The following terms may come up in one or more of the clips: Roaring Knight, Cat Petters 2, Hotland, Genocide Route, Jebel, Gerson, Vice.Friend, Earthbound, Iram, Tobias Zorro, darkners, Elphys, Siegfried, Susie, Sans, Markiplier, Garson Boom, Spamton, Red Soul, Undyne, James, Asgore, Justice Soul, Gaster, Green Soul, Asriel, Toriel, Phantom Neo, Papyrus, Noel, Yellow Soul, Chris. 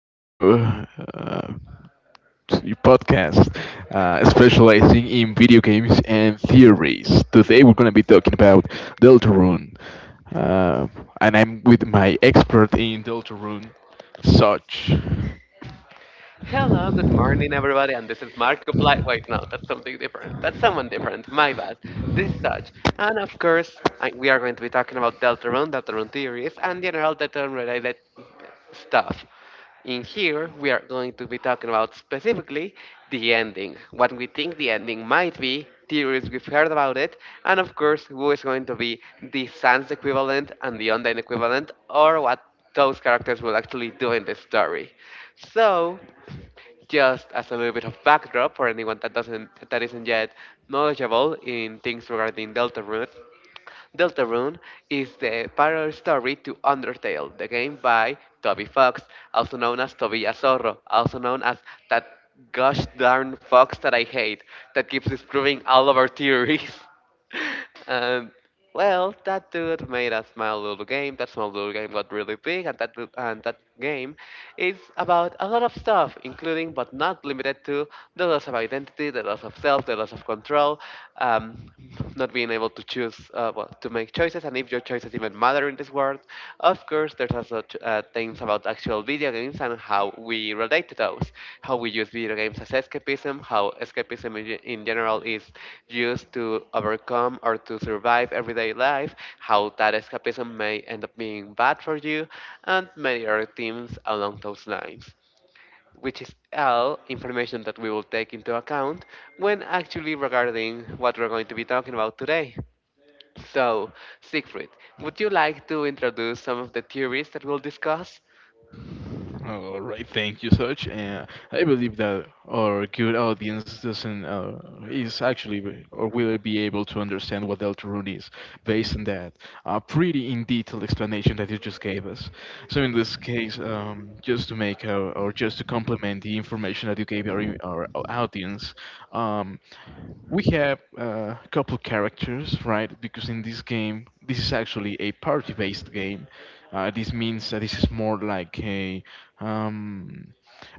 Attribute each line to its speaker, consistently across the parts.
Speaker 1: your uh, your podcast specializing in video games and theories. Today we're going to be talking about Deltarune, uh, and I'm with my expert in Deltarune, Such.
Speaker 2: Hello, good morning, everybody, and this is Markiplier. Wait, no, that's something different. That's someone different. My bad. This is such. And of course, we are going to be talking about Deltarune, Deltarune theories, and general Deltarune related stuff. In here, we are going to be talking about specifically the ending, what we think the ending might be, theories we've heard about it, and of course, who is going to be the sans equivalent and the Undyne equivalent, or what those characters will actually do in the story. So, just as a little bit of backdrop for anyone that isn't yet knowledgeable in things regarding Deltarune. Deltarune is the parallel story to Undertale, the game by Toby Fox, also known as Tobias Zorro, also known as that gosh darn fox that I hate, that keeps disproving all of our theories. And well, that dude made a small little game. That small little game got really big, and that game is about a lot of stuff, including but not limited to the loss of identity, the loss of self, the loss of control, um, not being able to choose, well, to make choices, and if your choices even matter in this world. Of course, there's also things about actual video games and how we relate to those, how we use video games as escapism, how escapism in general is used to overcome or to survive everyday life, how that escapism may end up being bad for you, and many other themes along those lines, which is all information that we will take into account when actually regarding what we're going to be talking about today. So, Siegfried, would you like to introduce some of the theories that we'll discuss?
Speaker 1: All right, thank you, Such. And I believe that our good audience doesn't is actually or will be able to understand what Deltarune is based on that pretty in detailed explanation that you just gave us. So in this case, just to make our, or just to complement the information that you gave our audience, um, we have a couple characters, right? Because in this game, this is actually a party-based game. This means that this is more like a, um,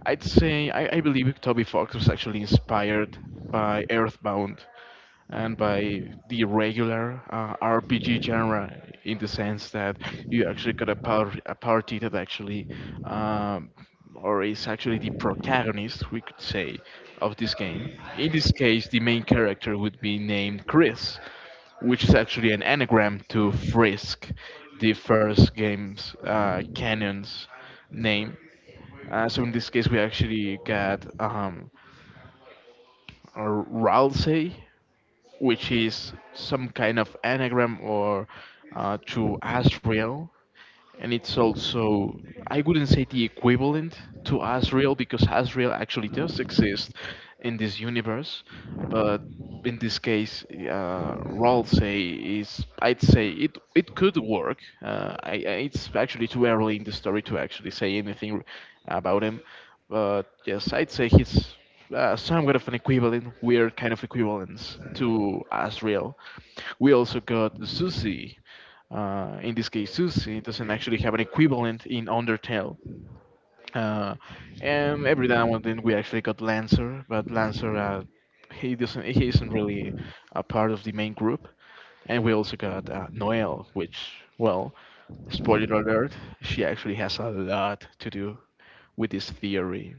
Speaker 1: I'd say, I, I believe Toby Fox was actually inspired by Earthbound and by the regular RPG genre in the sense that you actually got a party that actually um, or is actually the protagonist we could say of this game. In this case, the main character would be named Chris, which is actually an anagram to Frisk, the first game's canon's name. So in this case, we actually got Ralsei, which is some kind of anagram or to Asriel, and it's also, I wouldn't say, the equivalent to Asriel because Asriel actually does exist in this universe, but in this case, Rol say is, I'd say, it could work. It's actually too early in the story to actually say anything about him, but yes, I'd say he's somewhat of an equivalent, weird kind of equivalence to Asriel. We also got Susie. In this case, Susie doesn't actually have an equivalent in Undertale. Uh, and every now and then we actually got Lancer, but Lancer, he isn't really a part of the main group. And we also got Noelle, which, well, spoiler alert, she actually has a lot to do with this theory.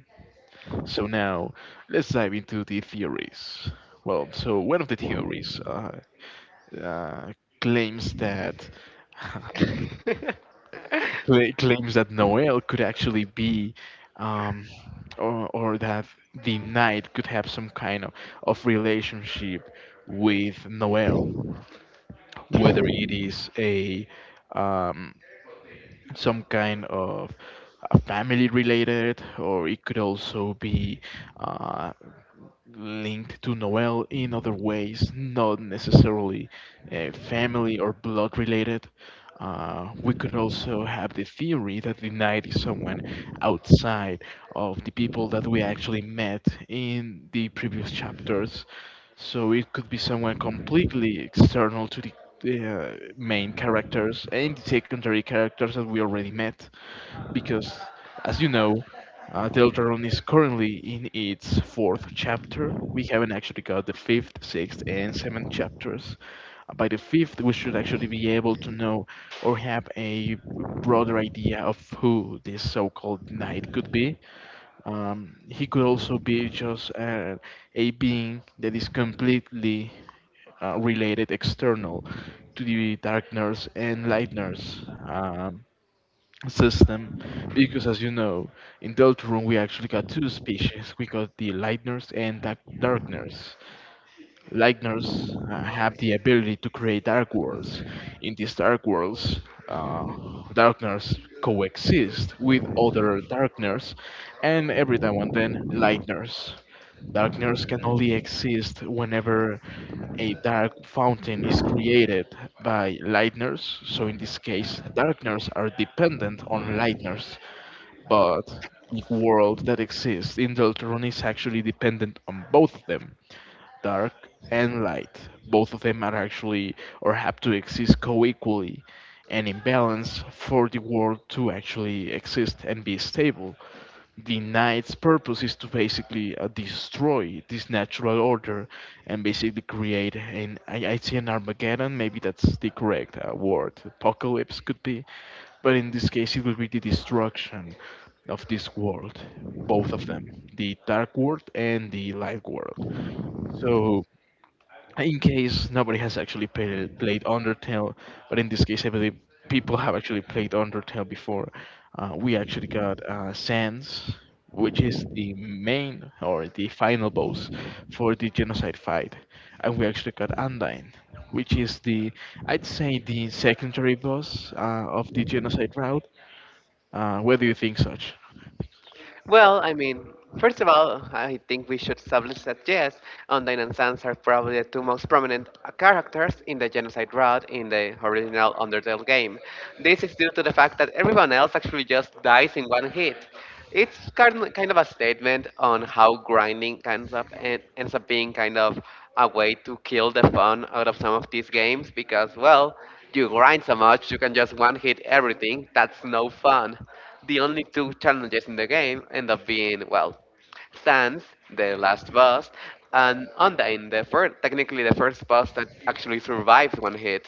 Speaker 1: So now, let's dive into the theories. Well, so one of the theories uh, uh, claims that cla- claims that Noel could actually um, or that the knight could have some kind of relationship with Noel, whether it is a um, some kind of family related, or it could also be uh, linked to Noel in other ways, not necessarily family or blood related. We could also have the theory that the knight is someone outside of the people that we actually met in the previous chapters. So it could be someone completely external to the main characters and the secondary characters that we already met because, as you know, Deltarune is currently in its fourth chapter. We haven't actually got the fifth, sixth, and seventh chapters. By the fifth, we should actually be able to know or have a broader idea of who this so-called knight could be. He could also be just a being that is completely related external to the Dark Nurse and Light Nurse. Um, System, because as you know, in Deltarune we actually got two species. We got the lightners and darkners. Lightners have the ability to create dark worlds. In these dark worlds, uh, darkness coexist with other darkness, and every now and then, lightners. Darkness can only exist whenever a dark fountain is created by lightners. So in this case, darkness are dependent on lightners, but the world that exists in Deltron is actually dependent on both of them, dark and light. Both of them are actually, or have to exist co-equally and in balance for the world to actually exist and be stable. The knight's purpose is to basically destroy this natural order and basically create an I see an Armageddon. Maybe that's the correct word. Apocalypse could be, but in this case it will be the destruction of this world. Both of them, the dark world and the light world. So in case nobody has actually played Undertale, but in this case, I believe people have actually played Undertale before. We actually got Sans, which is the main or the final boss for the genocide fight, and we actually got Undyne, which is the, I'd say, the secondary boss of the genocide route. Where do you think, such?
Speaker 2: Well, I mean, first of all, I think we should establish that yes, Undyne and Sans are probably the two most prominent characters in the Genocide Route in the original Undertale game. This is due to the fact that everyone else actually just dies in one hit. It's kind of a statement on how grinding ends up being kind of a way to kill the fun out of some of these games because, well, you grind so much, you can just one hit everything. That's no fun. The only two challenges in the game end up being, well, Sans, the last boss, and Undyne, technically the first boss that actually survives one hit.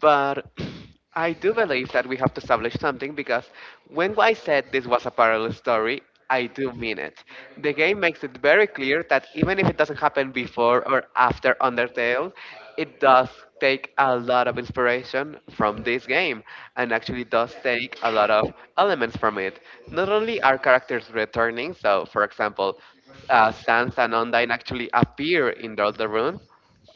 Speaker 2: But I do believe that we have to establish something because when I said this was a parallel story, I do mean it. The game makes it very clear that even if it doesn't happen before or after Undertale, it does take a lot of inspiration from this game and actually does take a lot of elements from it. Not only are characters returning, so for example, Sans and Undyne actually appear in the Elder Rune,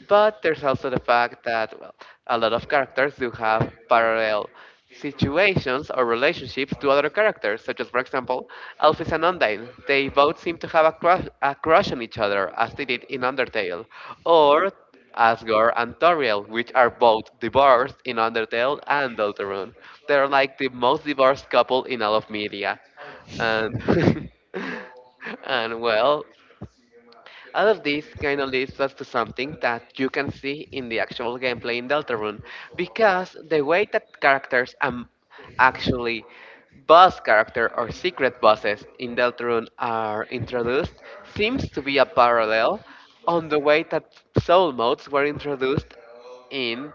Speaker 2: but there's also the fact that, well, a lot of characters do have parallel situations or relationships to other characters, such as, for example, Elphys and Undyne. They both seem to have a crush on each other, as they did in Undertale, or Asgore and Toriel, which are both divorced in Undertale and Deltarune. They're like the most divorced couple in all of media. And, and well, all of this kind of leads us to something that you can see in the actual gameplay in Deltarune, because the way that characters actually boss character or secret bosses in Deltarune are introduced seems to be a parallel on the way that soul modes were introduced in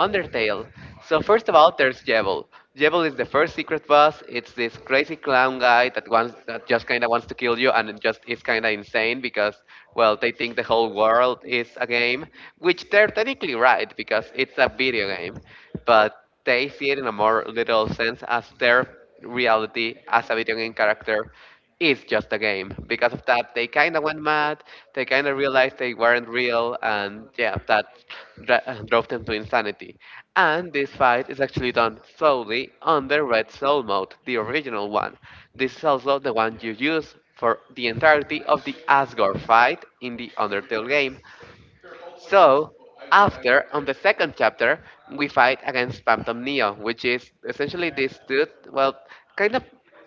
Speaker 2: Undertale. So first of all, there's Jebel. Jebel is the first secret boss. It's this crazy clown guy that just kind of wants to kill you, and it just is kind of insane because, well, they think the whole world is a game, which they're technically right because it's a video game, but they see it in a more literal sense as their reality as a video game character is just a game. Because of that, they kind of went mad. They kind of realized they weren't real, and yeah, that drove them to insanity. And this fight is actually done solely on the Red Soul mode, the original one. This is also the one you use for the entirety of the Asgore fight in the Undertale game. So, after, on the second chapter, we fight against Phantom Neo, which is essentially this dude. Well, kind of,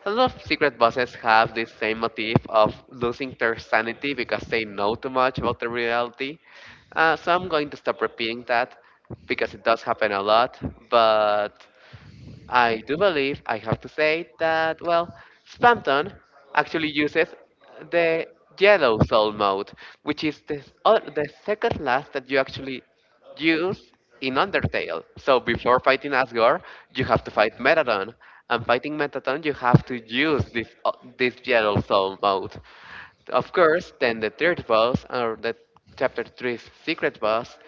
Speaker 2: a lot of secret bosses have this same motif of losing their sanity because they know too much about the reality. So I'm going to stop repeating that because it does happen a lot, but. I do believe I have to say that, well, Spamton actually uses the yellow soul mode, which is the second last that you actually use in Undertale. So before fighting Asgore, you have to fight Metadon, and fighting Metadon, you have to use this yellow soul mode. Of course, then the third boss, or the Chapter three's secret boss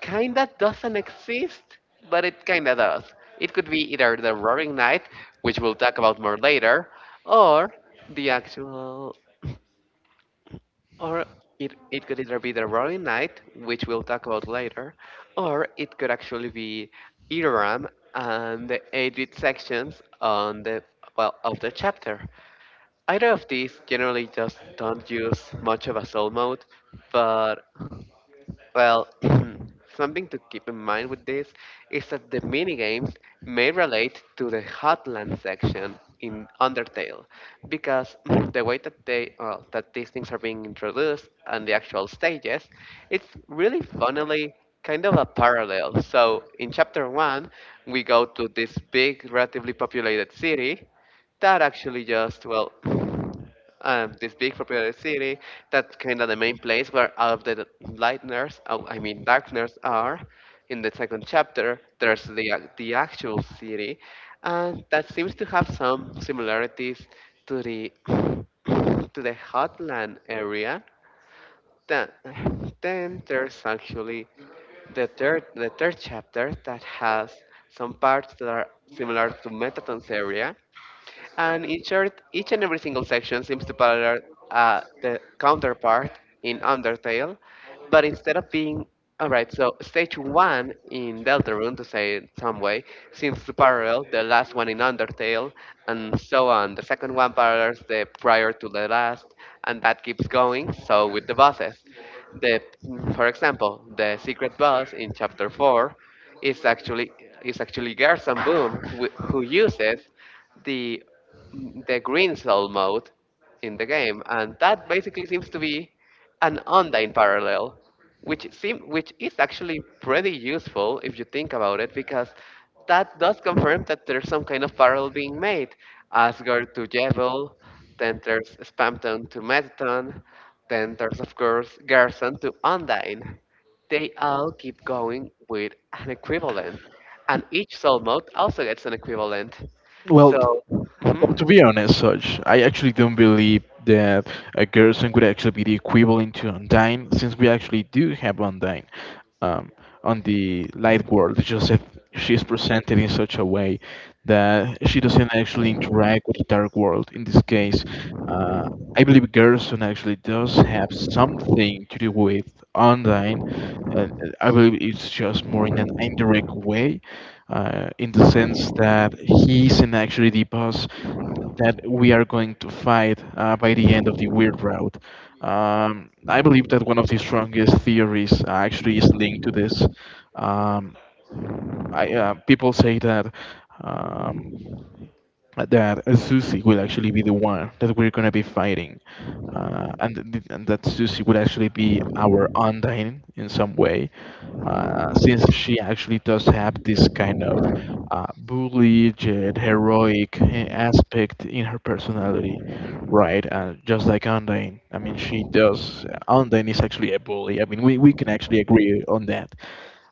Speaker 2: kinda doesn't exist, but it kinda does. It could be either the Roaring Knight, which we'll talk about more later, or the actual, or it, it could either be the Roaring Knight, which we'll talk about later, or it could actually be Iram and the eight sections on the well of the chapter. Either of these generally just don't use much of a soul mode, but well, something to keep in mind with this is that the minigames may relate to the Hotland section in Undertale, because the way that that these things are being introduced and the actual stages, it's really funnily kind of a parallel. So in chapter one, we go to this big, relatively populated city, that actually just well this big populated city that's kind of the main place where all of the lightners oh, I mean darkners are. In the second chapter there's the actual city, and that seems to have some similarities to the to the hotland area. Then, then there's actually the third chapter that has some parts that are similar to metaton's area, and in short, each and every single section seems to parallel the counterpart in Undertale, but instead of being. Alright, so stage one in Deltarune, to say it some way, seems to parallel the last one in Undertale, and so on. The second one parallels the prior to the last, and that keeps going, so with the bosses. The, for example, the secret boss in chapter 4, it's actually it's actually Garson Boom who uses the the green soul mode in the game, and that basically seems to be an Undyne parallel, which is actually pretty useful if you think about it, because that does confirm that there's some kind of parallel being made. Asgard to Jebel, then there's Spamton to Metaton, then there's of course Garson to Undyne. They all keep going with an equivalent, and each soul mode also gets an equivalent.
Speaker 1: Well,
Speaker 2: So,
Speaker 1: well, to
Speaker 2: mhm.
Speaker 1: be honest, Saj, I actually don't believe that a Gerson could actually be the equivalent to Undyne, since we actually do have Undyne um, on the light world. It's just that she's presented in such a way that she doesn't actually interact with the dark world. In this case, uh, I believe Gerson actually does have something to do with Undyne, uh, I believe it's just more in an indirect way, in the sense that he isn't actually the boss that we are going to fight by the end of the weird route. I believe that one of the strongest theories actually is linked to this. Um, People say that. Um, that Susie will actually be the one that we're gonna be fighting, and and that Susie would actually be our undying in some way, since she actually does have this kind of bullied, yet heroic aspect in her personality, right? Just like Undyne. I mean, she does. Undyne is actually a bully. I mean, we can actually agree on that.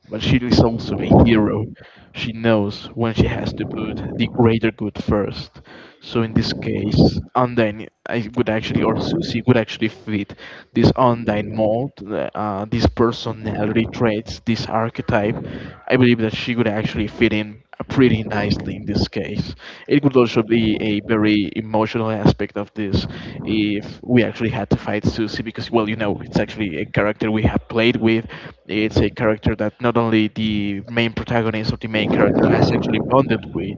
Speaker 1: But she is also a hero. She knows when she has to put the greater good first. So in this case, Undyne I would actually, or Susie would actually fit this Undyne mold, this personality traits, this archetype. I believe that she would actually fit in pretty nicely in this case. It could also be a very emotional aspect of this if we actually had to fight Susie because, well, you know, it's actually a character we have played with. It's a character that not only the main protagonist or the main character has actually bonded with,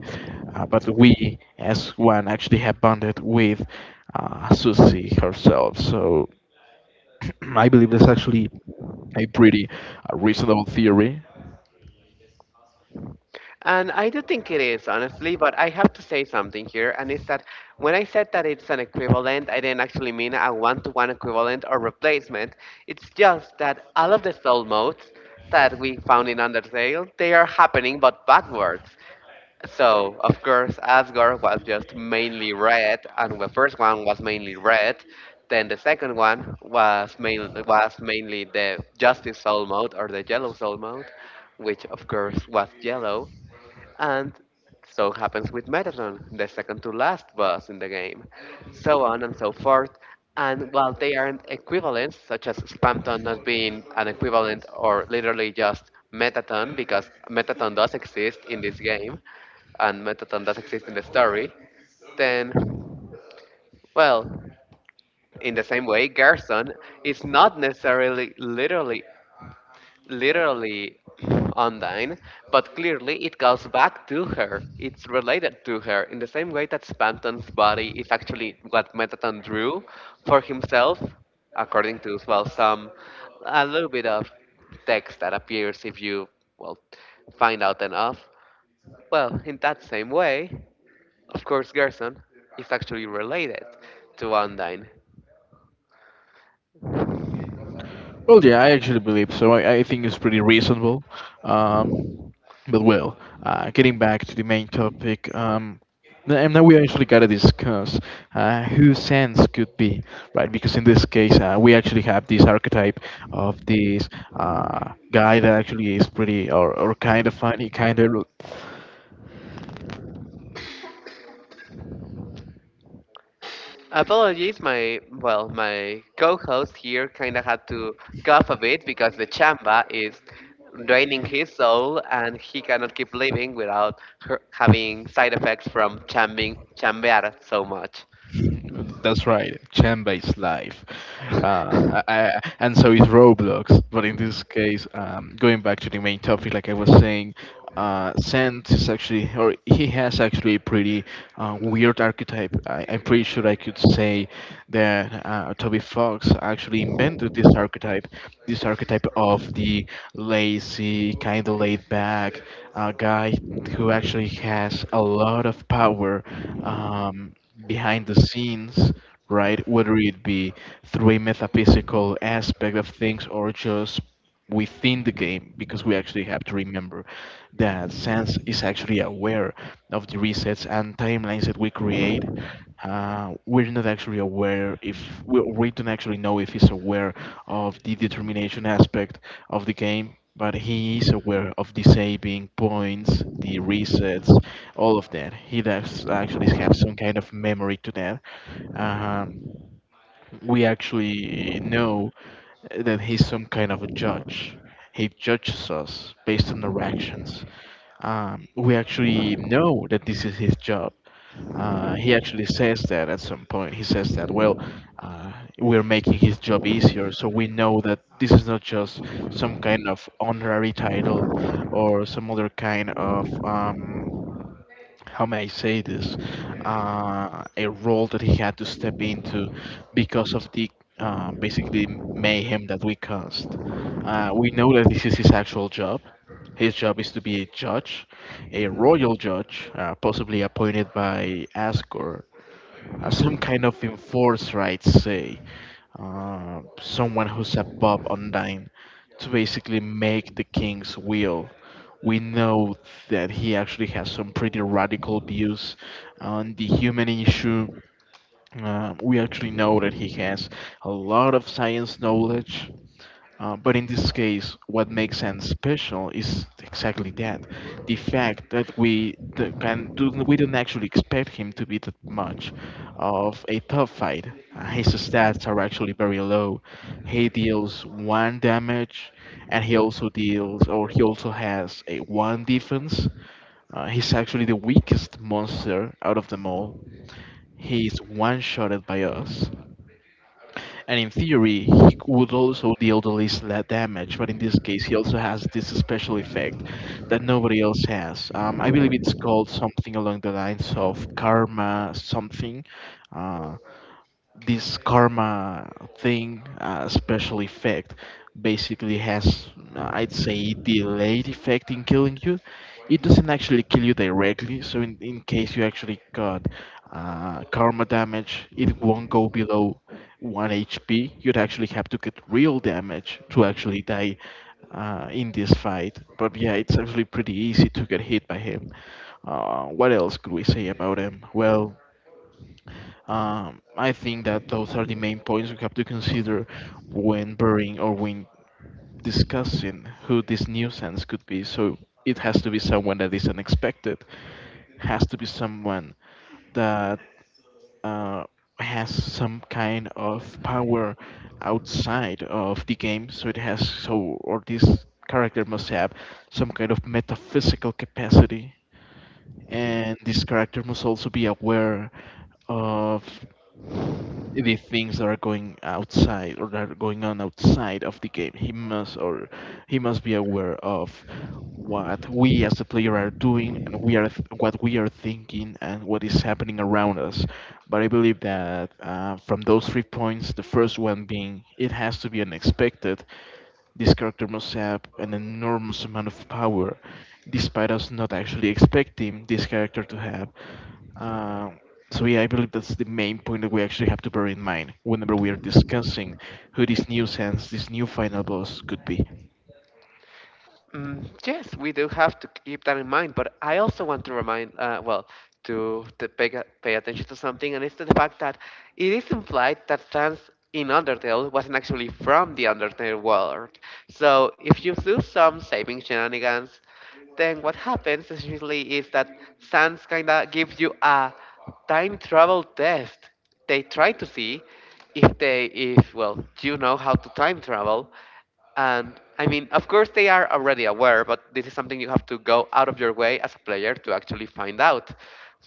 Speaker 1: but we, as one, actually have bonded with Susie herself. So I believe that's actually a pretty reasonable theory.
Speaker 2: And I do think it is, honestly, but I have to say something here, and it's that when I said that it's an equivalent, I didn't actually mean a one to one equivalent or replacement. It's just that all of the soul modes that we found in Undertale, they are happening but backwards. So, of course, Asgard was just mainly red, and the first one was mainly red. Then the second one was mainly the Justice Soul mode or the Yellow Soul mode, which of course was yellow. And so happens with Metatron, the second to last boss in the game, so on and so forth. And while they aren't equivalents, such as Spamton not being an equivalent or literally just Metaton, because Metaton does exist in this game, and Metaton does exist in the story, then, well, in the same way, Gerson is not necessarily literally online, but clearly it goes back to her. It's related to her in the same way that Spanton's body is actually what Metaton drew for himself, according to well some a little bit of text that appears if you well find out enough. Well, in that same way, of course, Gerson is actually related to Undyne.
Speaker 1: Well, yeah, I actually believe so. I think it's pretty reasonable. Um, but well, getting back to the main topic, and now we actually gotta discuss who Sans could be, right? Because in this case, we actually have this archetype of this guy that actually is pretty or kind of funny, kind of.
Speaker 2: Apologies, my co-host here kind of had to cough a bit because the chamba is draining his soul, and he cannot keep living without her having side effects from chambing chambear so much.
Speaker 1: That's right, Chan-based life, uh, I, and so is Roblox. But in this case, going back to the main topic, like I was saying, Sant is actually, or he has actually a pretty weird archetype. I'm pretty sure I could say that Toby Fox actually invented this archetype of the lazy, kind of laid back, a guy who actually has a lot of power um, behind the scenes, right? Whether it be through a metaphysical aspect of things or just within the game, because we actually have to remember that Sans is actually aware of the resets and timelines that we create. We're not actually aware if we don't actually know if he's aware of the determination aspect of the game, but he is aware of disabling points, the resets, all of that. He does actually have some kind of memory to that. Um, we actually know that he's some kind of a judge. He judges us based on our actions. We actually know that this is his job. He actually says that at some point. He says that, well, uh, we're making his job easier, so we know that this is not just some kind of honorary title or some other kind of how may I say this, a role that he had to step into because of the basically mayhem that we caused. We know that this is his actual job. His job is to be a judge, a royal judge, possibly appointed by Asgore, some kind of enforcer, I'd say, someone who's above Undyne, to basically make the king's will. We know that he actually has some pretty radical views on the human issue. We actually know that he has a lot of science knowledge. But in this case, what makes sense special is exactly that the fact that we the, can do, we don't actually expect him to be that much of a tough fight. His stats are actually very low. He deals one damage, and he also deals, or he also has a one defense. He's actually the weakest monster out of them all. He's one shotted by us, and in theory he would also deal the least damage, but in this case he also has this special effect that nobody else has. I believe it's called something along the lines of karma something. Uh, this karma thing, special effect, basically has, I'd say, delayed effect in killing you. It doesn't actually kill you directly, so in case you actually got karma damage, it won't go below 1 HP. You'd actually have to get real damage to actually die in this fight. But yeah, it's actually pretty easy to get hit by him. What else could we say about him? Well, I think that those are the main points we have to consider when burying, or when discussing who this nuisance could be. So it has to be someone that is unexpected, has to be someone that uh, has some kind of power outside of the game. So it has so, or this character must have some kind of metaphysical capacity, and this character must also be aware of the things that are going outside, or that are going on outside of the game. He must, or he must be aware of what we as a player are doing, and we are what we are thinking and what is happening around us. But I believe that from those three points, the first one being it has to be unexpected. This character must have an enormous amount of power, despite us not actually expecting this character to have. Uh, so yeah, I believe that's the main point that we actually have to bear in mind whenever we are discussing who this new sense, this new final boss could be.
Speaker 2: Mm, yes, we do have to keep that in mind, but I also want to remind, to pay, pay attention to something, and it's to the fact that it is implied that Sans in Undertale wasn't actually from the Undertale world. So if you do some saving shenanigans, then what happens is usually is that Sans kinda gives you a time travel test. They try to see if well you know how to time travel and, of course, they are already aware, but this is something you have to go out of your way as a player to actually find out.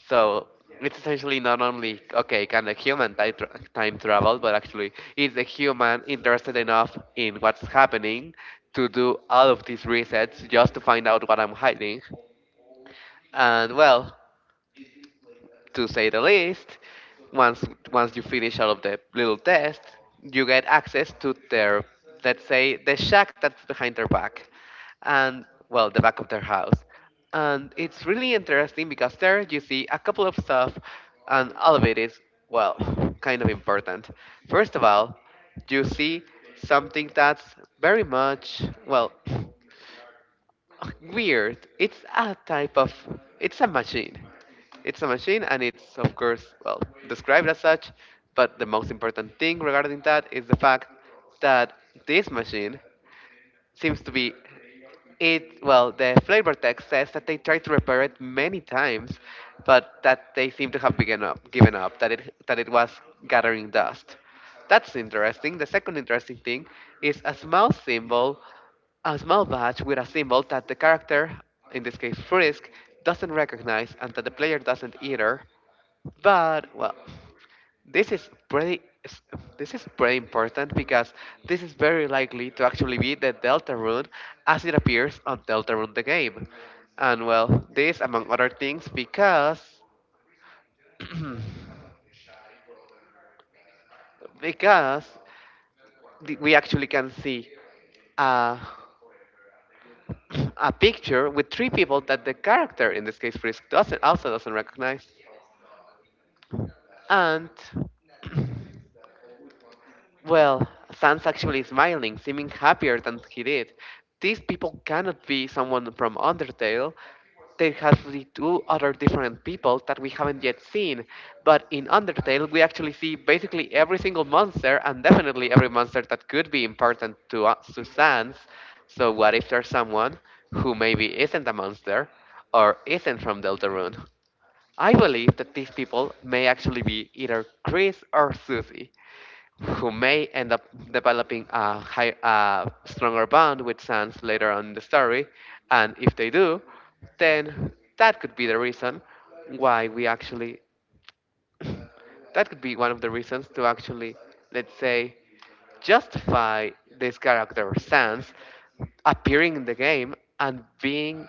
Speaker 2: So it's essentially not only, okay, can the human time travel, but actually, is the human interested enough in what's happening to do all of these resets just to find out what I'm hiding? And well, to say the least. Once once you finish all of the little tests, you get access to their, let's say, the shack that's behind their back, and well, the back of their house, and it's really interesting because there you see a couple of stuff, and all of it is, well, kind of important. First of all, you see something that's very much, well. Weird. It's a type of. It's a machine. It's a machine, and it's, of course, well described as such. But the most important thing regarding that is the fact that this machine seems to be, it, well, the flavor text says that they tried to repair it many times but that they seem to have given up, that it was gathering dust. That's interesting. The second interesting thing is a small symbol, a small badge with a symbol that the character, in this case Frisk, doesn't recognize, and that the player doesn't either. But well, this is pretty s- this is pretty important because this is very likely to actually be the Deltarune as it appears on Deltarune the game. And well, this among other things, because we actually can see a, a picture with three people that the character, in this case Frisk, doesn't recognize. And, well, Sans actually smiling, seeming happier than he did. These people cannot be someone from Undertale. There has to be two other different people that we haven't yet seen. But in Undertale, we actually see basically every single monster, and definitely every monster that could be important to us, to Sans. So what if there's someone who maybe isn't a monster or isn't from Deltarune? I believe that these people may actually be either Chris or Susie, who may end up developing a, high, a stronger bond with Sans later on in the story. And if they do, then that could be the reason why we actually, that could be one of the reasons to actually, let's say, justify this character Sans appearing in the game and being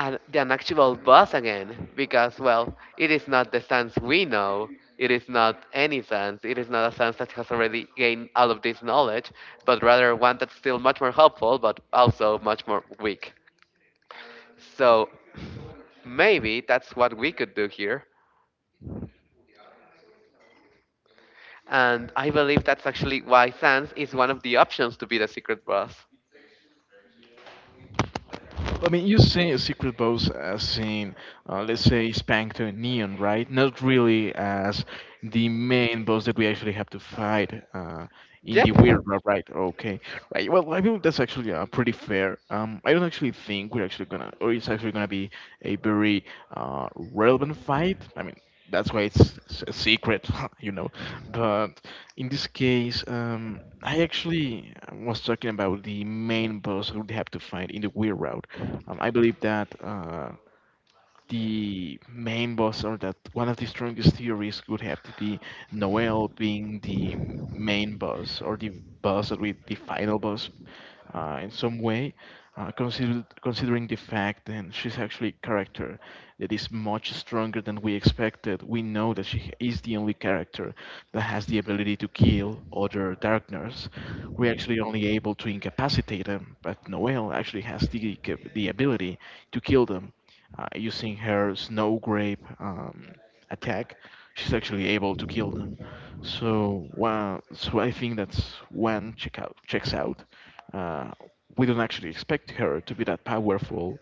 Speaker 2: an actual boss again, because well, it is not the Sans we know, it is not any Sans, it is not a Sans that has already gained all of this knowledge, but rather one that's still much more helpful but also much more weak. So maybe that's what we could do here, and I believe that's actually why Sans is one of the options to be the secret boss.
Speaker 1: I mean, you say a secret boss as in, let's say, Spank to Neon, right? Not really as the main boss that we actually have to fight in
Speaker 2: Yep.
Speaker 1: the weird route, right? Okay, right. Well, I feel that's actually pretty fair. I don't actually think we're actually gonna, or it's actually gonna be a very relevant fight. I mean, that's why it's a secret, you know. But in this case. I actually was talking about the main boss who they have to fight in the Weird Route. I believe that the main boss, or that one of the strongest theories would have to be Noel being the main boss, or the boss, or with the final boss in some way, considering the fact that she's actually a character that is much stronger than we expected. We know that she is the only character that has the ability to kill other Darkners. We're actually only able to incapacitate them, but Noel actually has the, the ability to kill them using her snow grape attack, she's actually able to kill them. So, well, so I think that's checks out. Uh, we don't actually expect her to be that powerful.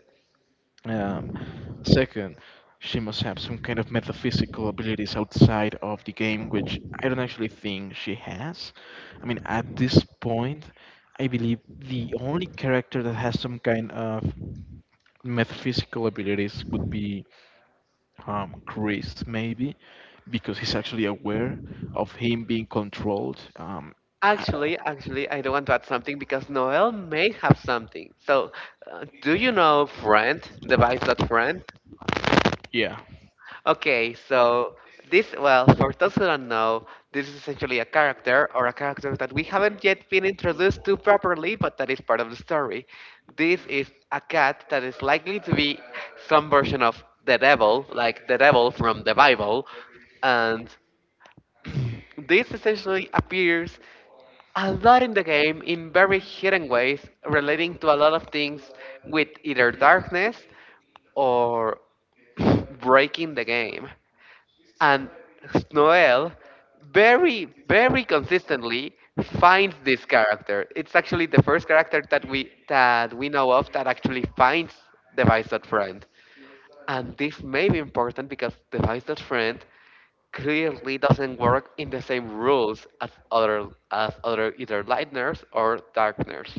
Speaker 1: Um, second, she must have some kind of metaphysical abilities outside of the game, which I don't actually think she has. I mean, at this point, I believe the only character that has some kind of metaphysical abilities would be Chris, maybe, because he's actually aware of him being controlled.
Speaker 2: I don't want to add something because Noel may have something. So, do you know Friend, device.friend?
Speaker 1: Yeah,
Speaker 2: Okay, so this, well, for those who don't know, this is essentially a character or a character that we haven't yet been introduced to properly, but that is part of the story. This is a cat that is likely to be some version of the devil, like the devil from the Bible, and this essentially appears a lot in the game in very hidden ways, relating to a lot of things with either darkness or breaking the game. And Noel, very, very consistently, finds this character. It's actually the first character that we know of that actually finds the Vice.Friend. And this may be important because the Vice.Friend clearly doesn't work in the same rules as other either lightners or darkners.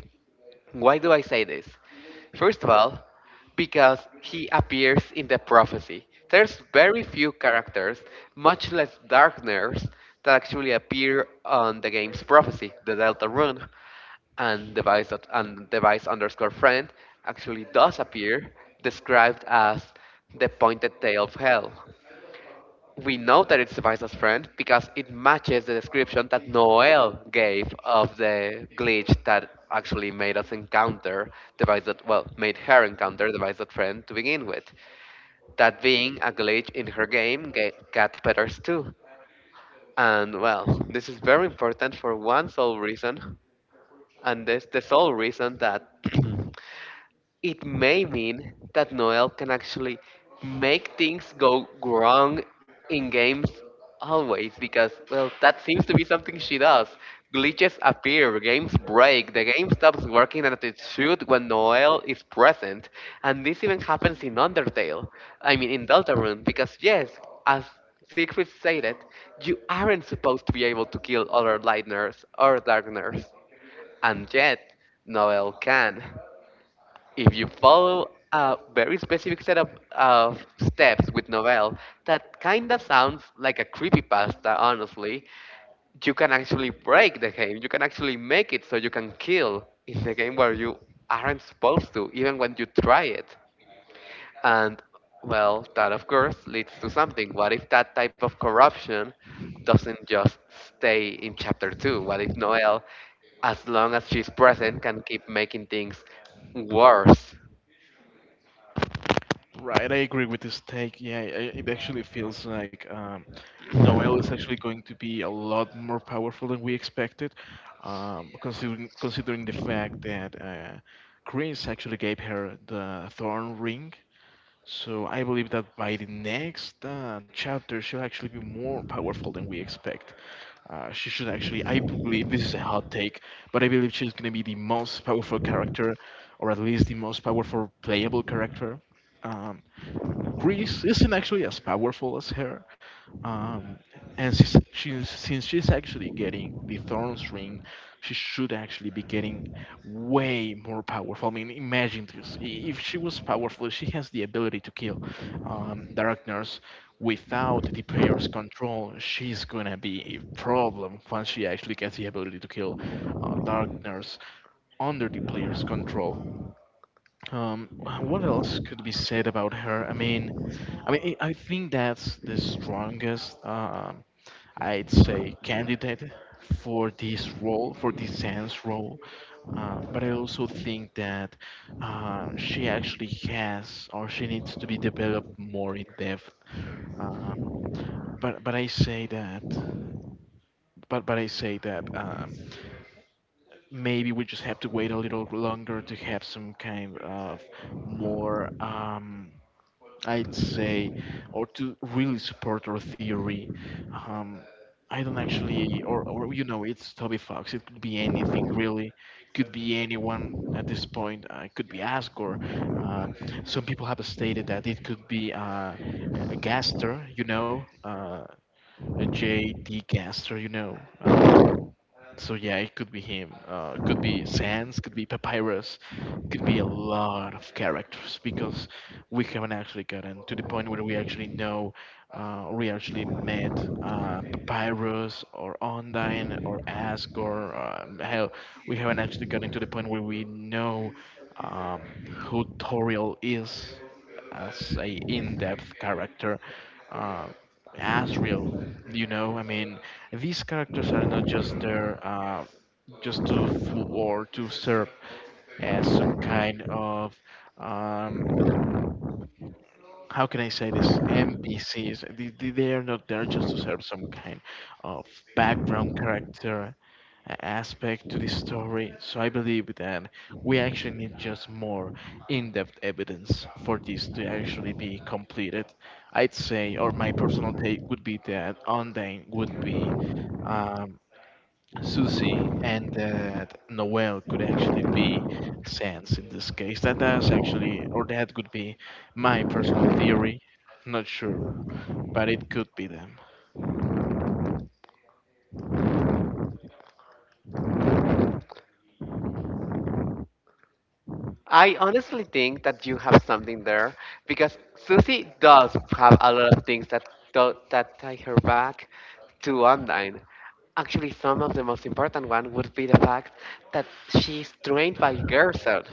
Speaker 2: Why do I say this? First of all, because he appears in the prophecy. There's very few characters, much less darkners, that actually appear on the game's prophecy, the Delta Rune, and device underscore friend actually does appear, described as the pointed tail of hell. We know that it's Visa's friend because it matches the description that Noel gave of the glitch that actually made us encounter well, made her encounter the Visa friend to begin with. That being a glitch in her game, Cat Petters 2. And well, this is very important for one sole reason, and this the sole reason that it may mean that Noel can actually make things go wrong in games always because, well, that seems to be something she does. Glitches appear, games break, the game stops working as it should when Noel is present, and this even happens in Undertale. In Deltarune, because yes, as Siegfried said it, you aren't supposed to be able to kill other Lightners or Darkners, and yet Noel can. If you follow a very specific set of steps with Novel, that kind of sounds like a creepypasta, honestly, you can actually break the game. You can actually make it so you can kill in the game where you aren't supposed to, even when you try it. And, well, that of course leads to something. What if that type of corruption doesn't just stay in chapter 2? What if Noel, as long as she's present, can keep making things worse?
Speaker 1: right. I agree with this take. Yeah, it actually feels like Noel is actually going to be a lot more powerful than we expected, considering the fact that Chris actually gave her the Thorn Ring. So I believe that by the next chapter, she'll actually be more powerful than we expect. She should actually, I believe, this is a hot take, but I believe she's going to be the most powerful character, or at least the most powerful playable character. Um, Greece isn't actually as powerful as her, um, and since she's actually getting the Thorn's Ring, she should actually be getting way more powerful. I mean, imagine this: if she was powerful, she has the ability to kill Darkness without the player's control. She's gonna be a problem once she actually gets the ability to kill Darkness under the player's control. Um, what else could be said about her? I mean, I mean, I think that's the strongest, I'd say, candidate for this role, for this Sans role. But I also think that she actually has, or she needs to be developed more in depth. Uh, but I say that, but I say that maybe we just have to wait a little longer to have some kind of more. I'd say, or to really support our theory. Um, I don't actually, or, you know, it's Toby Fox. It could be anything really, could be anyone at this point. It could be Asgore. Uh, some people have stated that it could be a Gaster, you know, a J D Gaster, you know. So yeah, it could be him. It could be Sans. Could be Papyrus. Could be a lot of characters because we haven't actually gotten to the point where we actually know we actually met Papyrus or Ondine or Ask or hell, we haven't actually gotten to the point where we know um, who Toriel is as a in-depth character, uh, Asriel. You know, I mean, these characters are not just there just to fool, or to serve as some kind of um, how can I say this? NPCs. They are not there just to serve some kind of background character aspect to the story. So I believe that we actually need just more in-depth evidence for this to actually be completed. I'd say, or my personal take would be that Undyne would be. Um, Susie, and that Noel could actually be Sans in this case. That's actually, or that could be my personal theory. Not sure, but it could be them.
Speaker 2: I honestly think that you have something there because Susie does have a lot of things that do, that tie her back to online. Actually, some of the most important one would be the fact that she's trained by Gerson.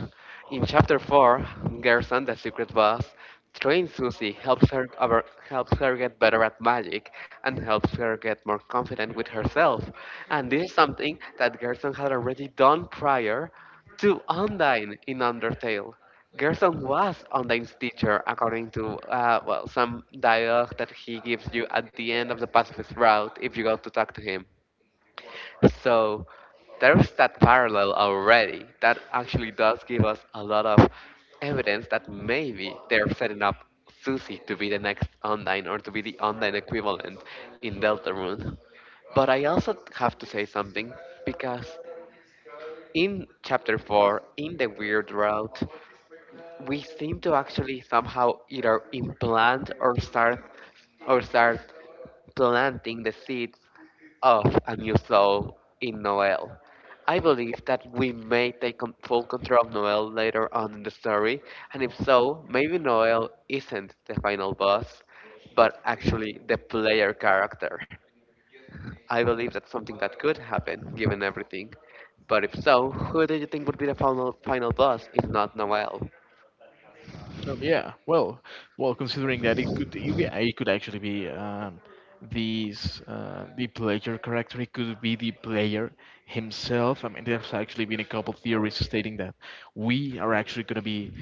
Speaker 2: In chapter four, Gerson, the secret boss, trains Susie, helps her over, helps her get better at magic, and helps her get more confident with herself. And this is something that Gerson had already done prior to Undine in Undertale. Gerson was Undine's teacher, according to, well, some dialogue that he gives you at the end of the pacifist route if you go to talk to him. So there's that parallel already. That actually does give us a lot of evidence that maybe they're setting up Susie to be the next Undine or to be the Undine equivalent in Deltarune. But I also have to say something because in chapter 4, in the weird route, we seem to actually somehow either implant or start planting the seeds of a new soul in Noel. I believe that we may take full control of Noel later on in the story, and if so, maybe Noel isn't the final boss, but actually the player character. I believe that's something that could happen, given everything. But if so, who do you think would be the final final boss if not Noel?
Speaker 1: Yeah, well, well, considering that it could, yeah, it could actually be these the player character. It could be the player himself. I mean, there's actually been a couple theories stating that we are actually going to be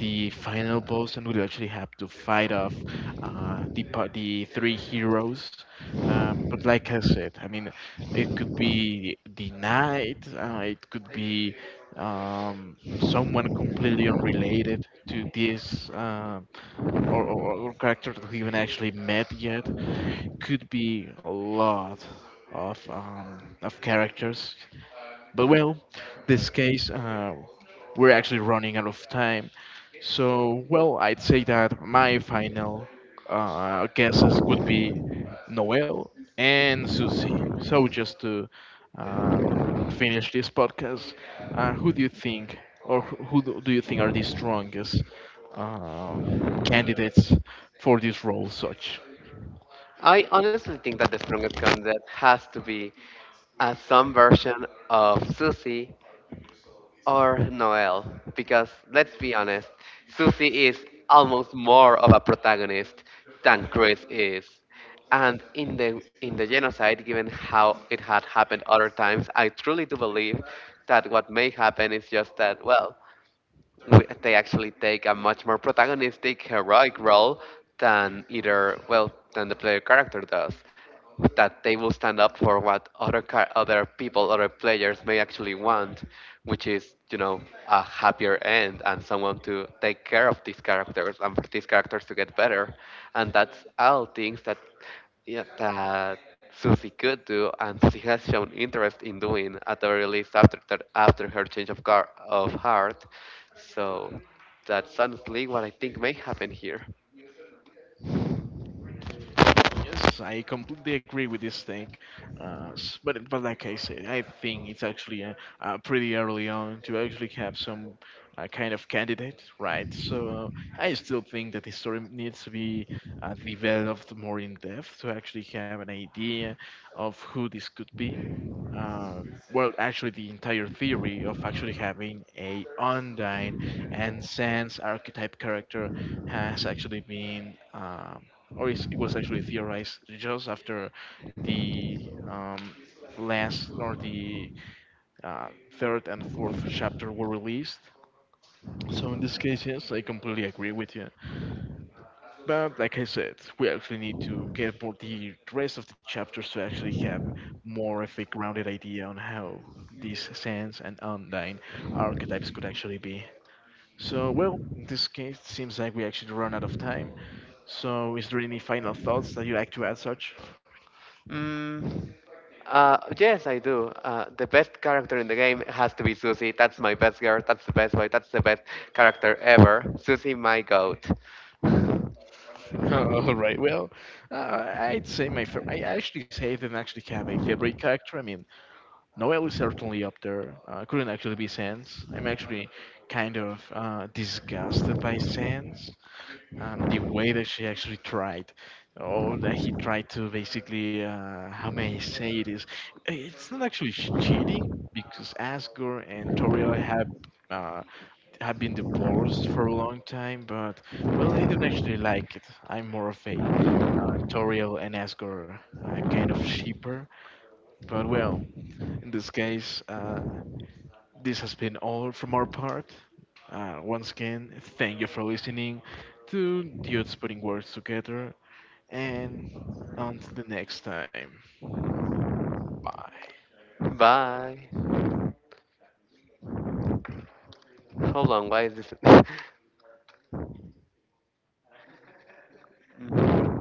Speaker 1: the final boss, and we'll actually have to fight off the, the three heroes. But like I said, I mean, it could be the knight, it could be someone completely unrelated to this. Or, or character that we haven't actually met yet. Could be a lot of characters, but well, this case, we're actually running out of time. So, well, I'd say that my final guesses would be Noel and Susie. So, just to um, finish this podcast, who do you think, or who do you think are the strongest uh, candidates for this role, such?
Speaker 2: I honestly think that the strongest candidate has to be, some version of Susie or Noel, because let's be honest, Susie is almost more of a protagonist than Chris is. And in the genocide, given how it had happened other times, I truly do believe that what may happen is just that, well, they actually take a much more protagonistic, heroic role than either, well, than the player character does. That they will stand up for what other people, other players may actually want, which is, you know, a happier end and someone to take care of these characters and for these characters to get better. And that's all things that yeah, that Susie could do, and Susie has shown interest in doing at the very least after after her change of heart. So that's honestly what I think may happen here.
Speaker 1: Yes, I completely agree with this thing. But like I said, I think it's actually pretty early on to actually have some kind of candidate, right? So I still think that the story needs to be developed more in depth to actually have an idea of who this could be. Uh, well, actually, the entire theory of actually having a Undyne and Sans archetype character has actually been. Or it's, it was actually theorized just after the um, last, or the uh, third and fourth chapter were released. So in this case, yes, I completely agree with you. But like I said, we actually need to get more the rest of the chapters to actually have more of a grounded idea on how these sands and undyne archetypes could actually be. So well, in this case, it seems like we actually run out of time. So is there any final thoughts that you'd like to add, Sarge?
Speaker 2: Mm, uh, yes, I do. The best character in the game has to be Susie. That's my best girl. That's the best boy. That's the best character ever. Susie, my goat.
Speaker 1: All right. Well, I'd say my favorite. I actually say I didn't actually have a favorite character. I mean, Noel is certainly up there. Couldn't actually be Sans. I'm actually kind of disgusted by Sans. The way that she actually tried, or that he tried to basically, how may I say it is, it's not actually cheating because Asgore and Toriel uh, have been divorced for a long time, but well, I don't actually like it. I'm more of a Toriel and Asgore kind of shipper, but well, in this case. This has been all from our part. Once again, thank you for listening to Dudes Putting Words Together, and until the next time, bye.
Speaker 2: Bye. Hold on, why is this?